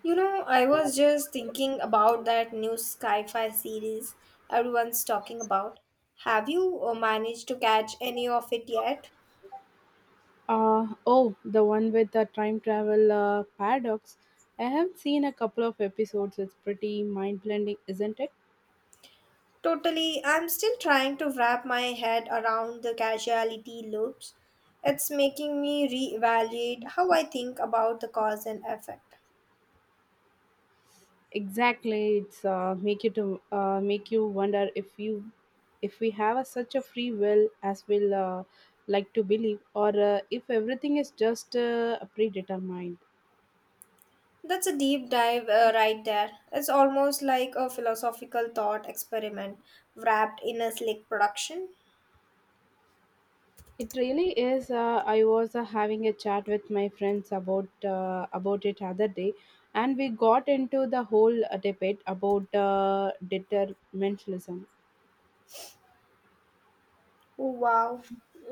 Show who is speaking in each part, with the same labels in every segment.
Speaker 1: You know, I was just thinking about that new sci-fi series everyone's talking about. Have you managed to catch any of it yet?
Speaker 2: Oh, the one with the time travel paradox. I have seen a couple of episodes. It's pretty mind blending, isn't it?
Speaker 1: Totally, I'm still trying to wrap my head around the causality loops. It's making me reevaluate how I think about the cause and effect.
Speaker 2: Exactly. It's make you wonder if we have a, such a free will as we'll, like to believe, or if everything is just predetermined.
Speaker 1: That's a deep dive right there. It's almost like a philosophical thought experiment wrapped in a slick production.
Speaker 2: It really is. I was having a chat with my friends about it other day, and we got into the whole debate about determinism.
Speaker 1: Oh, wow.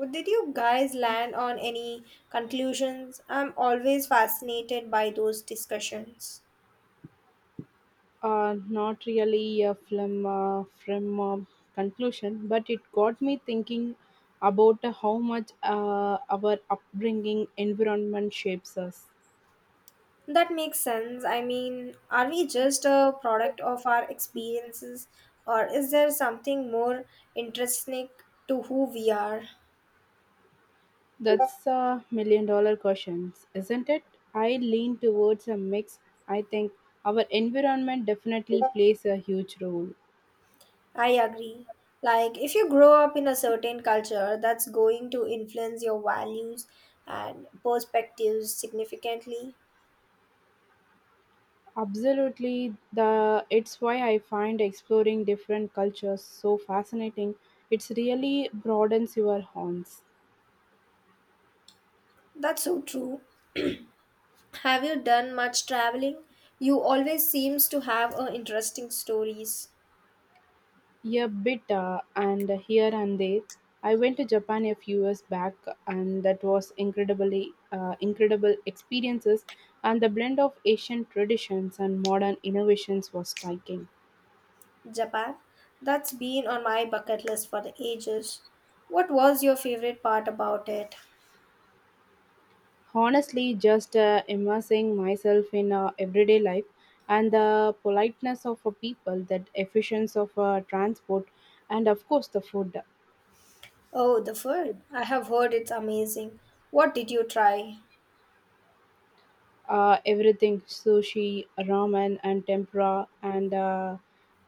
Speaker 1: Did you guys land on any conclusions? I'm always fascinated by those discussions.
Speaker 2: Not really a film from conclusion, but it got me thinking about how much our upbringing environment shapes us.
Speaker 1: That makes sense. I mean, are we just a product of our experiences, or is there something more intrinsic to who we are?
Speaker 2: That's a $1 million question, isn't it? I lean towards a mix. I think our environment definitely plays a huge role.
Speaker 1: I agree. Like, if you grow up in a certain culture, that's going to influence your values and perspectives significantly.
Speaker 2: Absolutely, the it's why I find exploring different cultures so fascinating. It's really broadens your horizons.
Speaker 1: That's so true. Have you done much traveling? You always seems to have interesting stories.
Speaker 2: Yeah, bit, and here and there. I went to Japan a few years back, and that was incredibly incredible experiences. And the blend of Asian traditions and modern innovations was striking.
Speaker 1: Japan? That's been on my bucket list for the ages. What was your favorite part about it?
Speaker 2: Honestly, just immersing myself in everyday life and the politeness of a people, that efficiency of transport, and of course the food.
Speaker 1: Oh, the food. I have heard it's amazing. What did you try?
Speaker 2: Everything, sushi, ramen, and tempura, and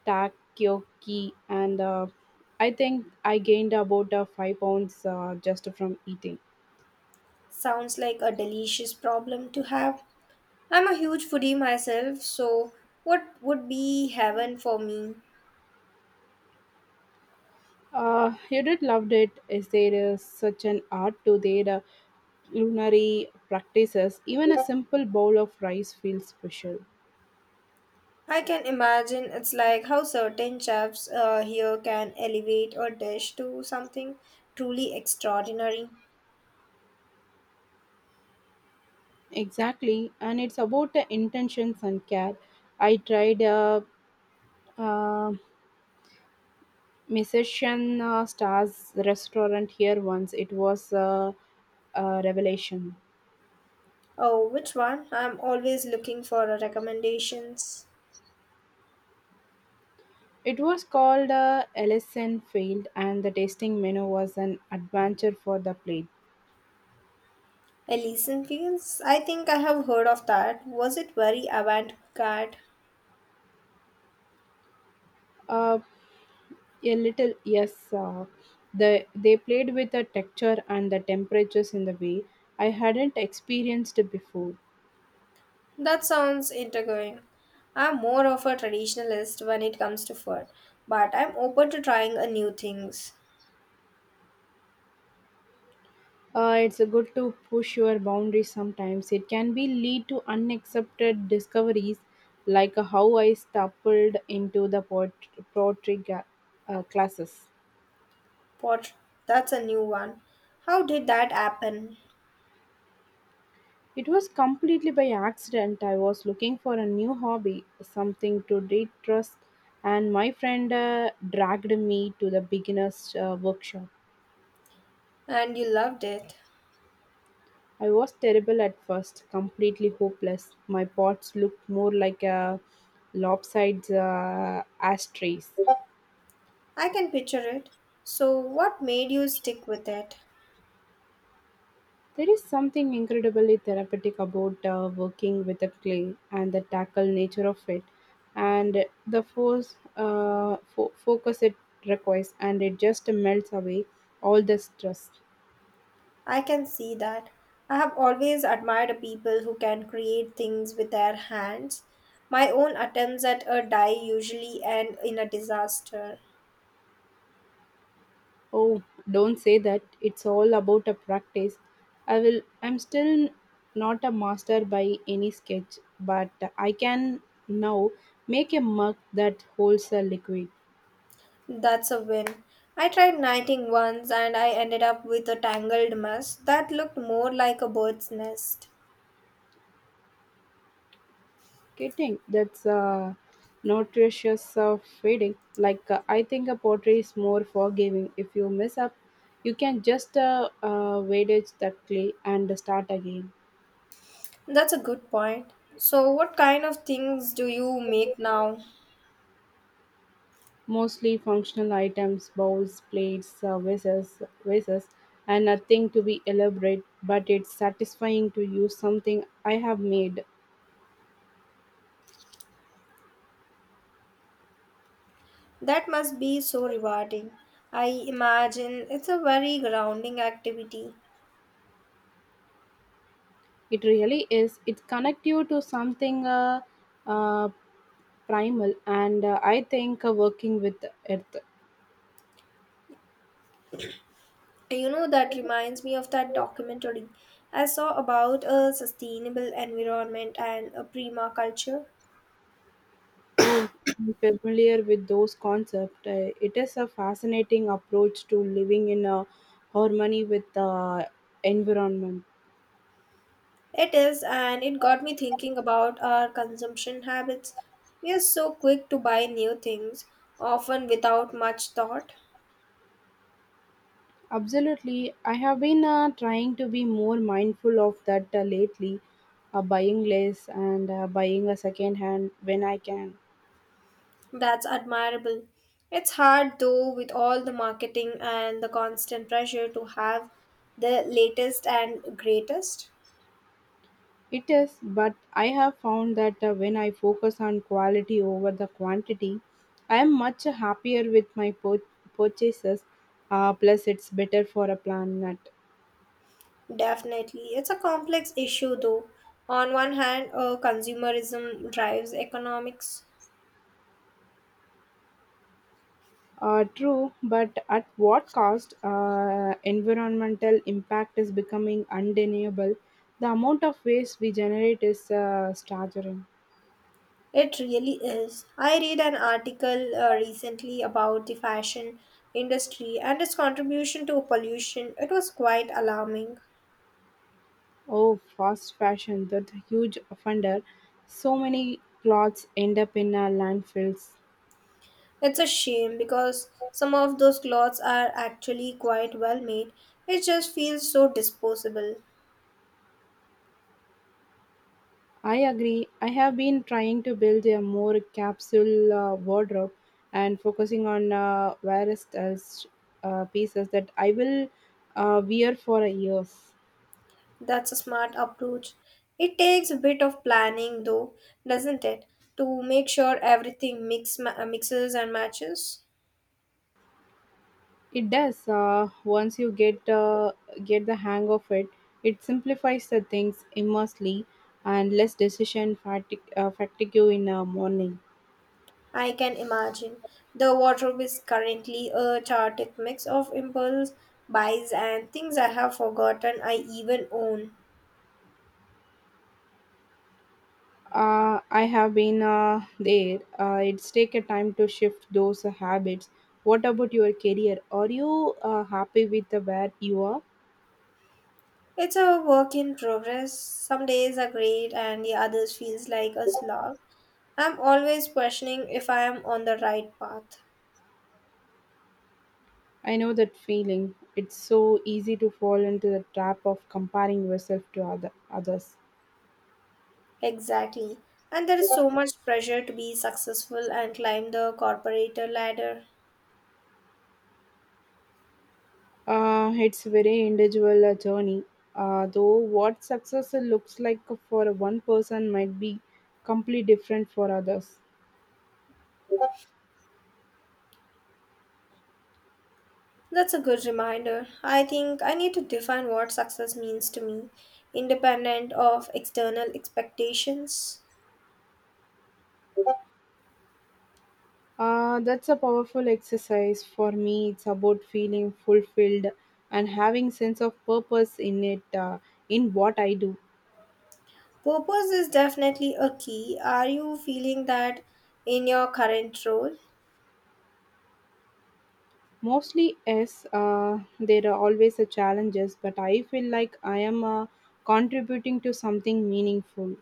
Speaker 2: takoyaki. And I think I gained about 5 pounds just from eating.
Speaker 1: Sounds like a delicious problem to have. I'm a huge foodie myself, so what would be heaven for me?
Speaker 2: You did loved it. Is there is such an art to their culinary practices? Even a simple bowl of rice feels special.
Speaker 1: I can imagine it's like how certain chefs here can elevate a dish to something truly extraordinary.
Speaker 2: Exactly, and it's about the intentions and care. I tried uh, musician stars restaurant here once, it was a revelation.
Speaker 1: Oh, which one? I'm always looking for recommendations.
Speaker 2: It was called ellison field, and the tasting menu was an adventure for the plate.
Speaker 1: Elysian Fields? I think I have heard of that. Was it very avant garde?
Speaker 2: uh, a little, yes, they played with the texture and the temperatures in the way I hadn't experienced before.
Speaker 1: That sounds intriguing. I'm more of a traditionalist when it comes to food, but I'm open to trying a new things.
Speaker 2: It's a good to push your boundaries sometimes. It can be lead to unaccepted discoveries, like how I stumbled into the pottery ga- classes.
Speaker 1: Pot, that's a new one. How did that happen?
Speaker 2: It was completely by accident. I was looking for a new hobby, something to de-stress, and my friend dragged me to the beginner's workshop.
Speaker 1: And you loved it.
Speaker 2: I was terrible at first, completely hopeless. My pots looked more like a lopsided ashtrays.
Speaker 1: I can picture it. So, what made you stick with it?
Speaker 2: There is something incredibly therapeutic about working with the clay and the tackle nature of it, and the focus it requires, and it just melts away all the stress.
Speaker 1: I can see that. I have always admired people who can create things with their hands. My own attempts at a die usually end in a disaster.
Speaker 2: Oh, don't say that. It's all about a practice. I will. I'm still not a master by any sketch, but I can now make a mug that holds a liquid.
Speaker 1: That's a win. I tried knitting once and I ended up with a tangled mess that looked more like a bird's nest.
Speaker 2: Kidding, that's a nutritious of feeding. I think a pottery is more forgiving. If you mess up, you can just weightage that clay and start again.
Speaker 1: That's a good point. So, what kind of things do you make now?
Speaker 2: Mostly functional items, bowls, plates, vases, and nothing to be elaborate, but it's satisfying to use something I have made.
Speaker 1: That must be so rewarding. I imagine it's a very grounding activity.
Speaker 2: It really is. It connects you to something uh, primal, and I think working with earth.
Speaker 1: You know, that reminds me of that documentary I saw about a sustainable environment and a permaculture.
Speaker 2: Oh, I'm familiar with those concepts. It is a fascinating approach to living in a harmony with the environment.
Speaker 1: It is, and it got me thinking about our consumption habits. We are so quick to buy new things, often without much thought.
Speaker 2: Absolutely. I have been trying to be more mindful of that lately, buying less and buying a second hand when I can.
Speaker 1: That's admirable. It's hard though with all the marketing and the constant pressure to have the latest and greatest.
Speaker 2: It is, but I have found that when I focus on quality over the quantity, I am much happier with my purchases. Plus, it's better for a planet.
Speaker 1: Definitely. It's a complex issue though. On one hand, consumerism drives economics.
Speaker 2: True, but at what cost? Environmental impact is becoming undeniable. The amount of waste we generate is staggering.
Speaker 1: It really is. I read an article recently about the fashion industry and its contribution to pollution. It was quite alarming.
Speaker 2: Oh, fast fashion, that huge offender. So many clothes end up in our landfills.
Speaker 1: It's a shame because some of those clothes are actually quite well made. It just feels so disposable.
Speaker 2: I agree. I have been trying to build a more capsule wardrobe and focusing on various pieces that I will wear for years.
Speaker 1: That's a smart approach. It takes a bit of planning though, doesn't it? To make sure everything mixes and matches.
Speaker 2: It does. Once you get the hang of it, it simplifies the things immensely and less fatigue you in the morning.
Speaker 1: I can imagine. The wardrobe is currently a chaotic mix of impulse buys and things I have forgotten I even own.
Speaker 2: I have been there. It's take a time to shift those habits. What about your career? Are you happy with the where you are?
Speaker 1: It's a work in progress. Some days are great and the others feels like a slog. I'm always questioning if I am on the right path.
Speaker 2: I know that feeling. It's so easy to fall into the trap of comparing yourself to others.
Speaker 1: Exactly. And there is so much pressure to be successful and climb the corporate ladder.
Speaker 2: It's very individual journey, though what success looks like for one person might be completely different for others.
Speaker 1: That's a good reminder. I think I need to define what success means to me, independent of external expectations.
Speaker 2: That's a powerful exercise for me. It's about feeling fulfilled and having sense of purpose in it, in what I do.
Speaker 1: Purpose is definitely a key. Are you feeling that in your current role?
Speaker 2: Mostly, yes, there are always a challenges, but I feel like I am contributing to something meaningful.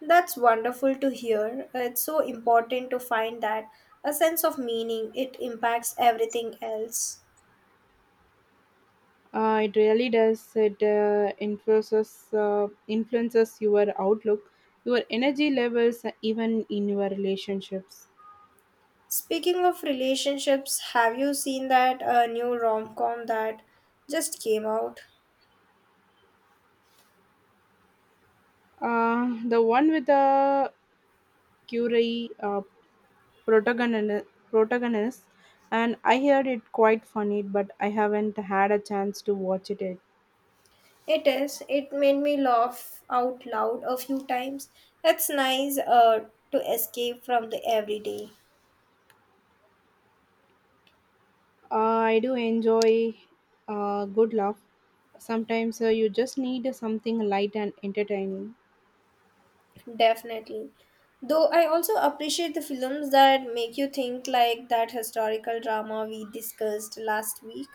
Speaker 1: That's wonderful to hear. It's so important to find that a sense of meaning. It impacts everything else.
Speaker 2: It really does. It influences your outlook, your energy levels, even in your relationships.
Speaker 1: Speaking of relationships, have you seen that new rom com that just came out?
Speaker 2: The one with the Curie protagonist, and I heard it quite funny, but I haven't had a chance to watch it yet.
Speaker 1: It is. It made me laugh out loud a few times. It's nice to escape from the everyday.
Speaker 2: I do enjoy good laugh. Sometimes you just need something light and entertaining.
Speaker 1: Definitely. Though I also appreciate the films that make you think like that historical drama we discussed last week.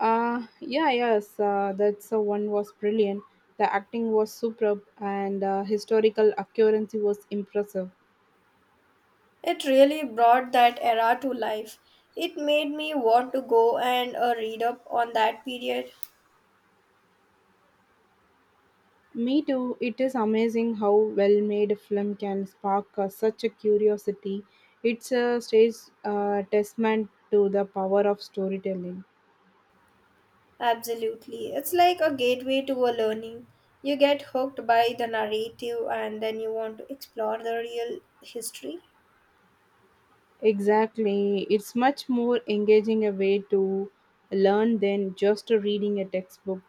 Speaker 2: Yeah, yes, that's one was brilliant. The acting was superb and historical accuracy was impressive.
Speaker 1: It really brought that era to life. It made me want to go and read up on that period.
Speaker 2: Me too. It is amazing how well made a film can spark such a curiosity. It's a stage testament to the power of storytelling.
Speaker 1: Absolutely. It's like a gateway to a learning. You get hooked by the narrative and then you want to explore the real history.
Speaker 2: Exactly. It's much more engaging a way to learn than just reading a textbook.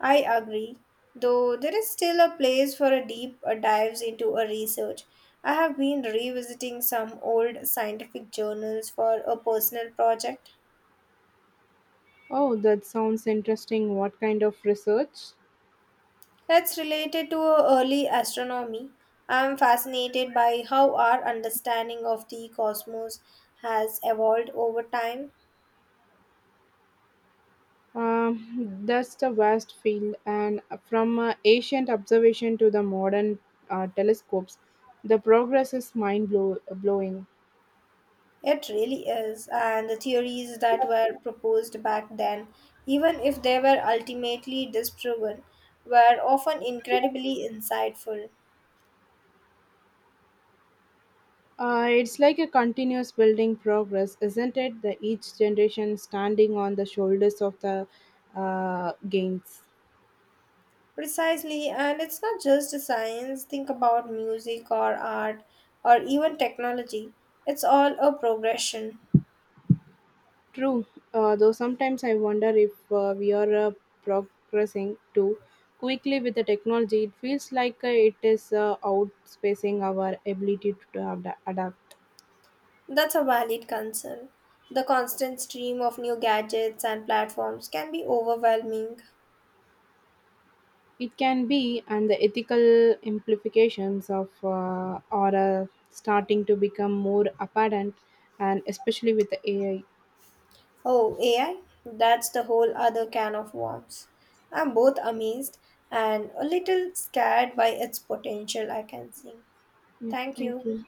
Speaker 1: I agree. Though there is still a place for a deep dives into a research. I have been revisiting some old scientific journals for a personal project.
Speaker 2: Oh, that sounds interesting. What kind of research?
Speaker 1: It's related to early astronomy. I'm fascinated by how our understanding of the cosmos has evolved over time.
Speaker 2: That's the vast field, and from ancient observation to the modern telescopes, the progress is blowing.
Speaker 1: It really is, and the theories that were proposed back then, even if they were ultimately disproven, were often incredibly insightful.
Speaker 2: It's like a continuous building progress, isn't it? The Each generation standing on the shoulders of the gains.
Speaker 1: Precisely, and it's not just science, think about music or art or even technology. It's all a progression.
Speaker 2: True, though sometimes I wonder if we are progressing too quickly with the technology. It feels like it is outspacing our ability to adapt.
Speaker 1: That's a valid concern. The constant stream of new gadgets and platforms can be overwhelming.
Speaker 2: It can be, and the ethical implications of are starting to become more apparent, and especially with the AI.
Speaker 1: Oh, AI? That's the whole other can of worms. I'm both amazed and a little scared by its potential, I can see.
Speaker 2: Yeah,
Speaker 1: Thank
Speaker 2: thank
Speaker 1: you.
Speaker 2: you.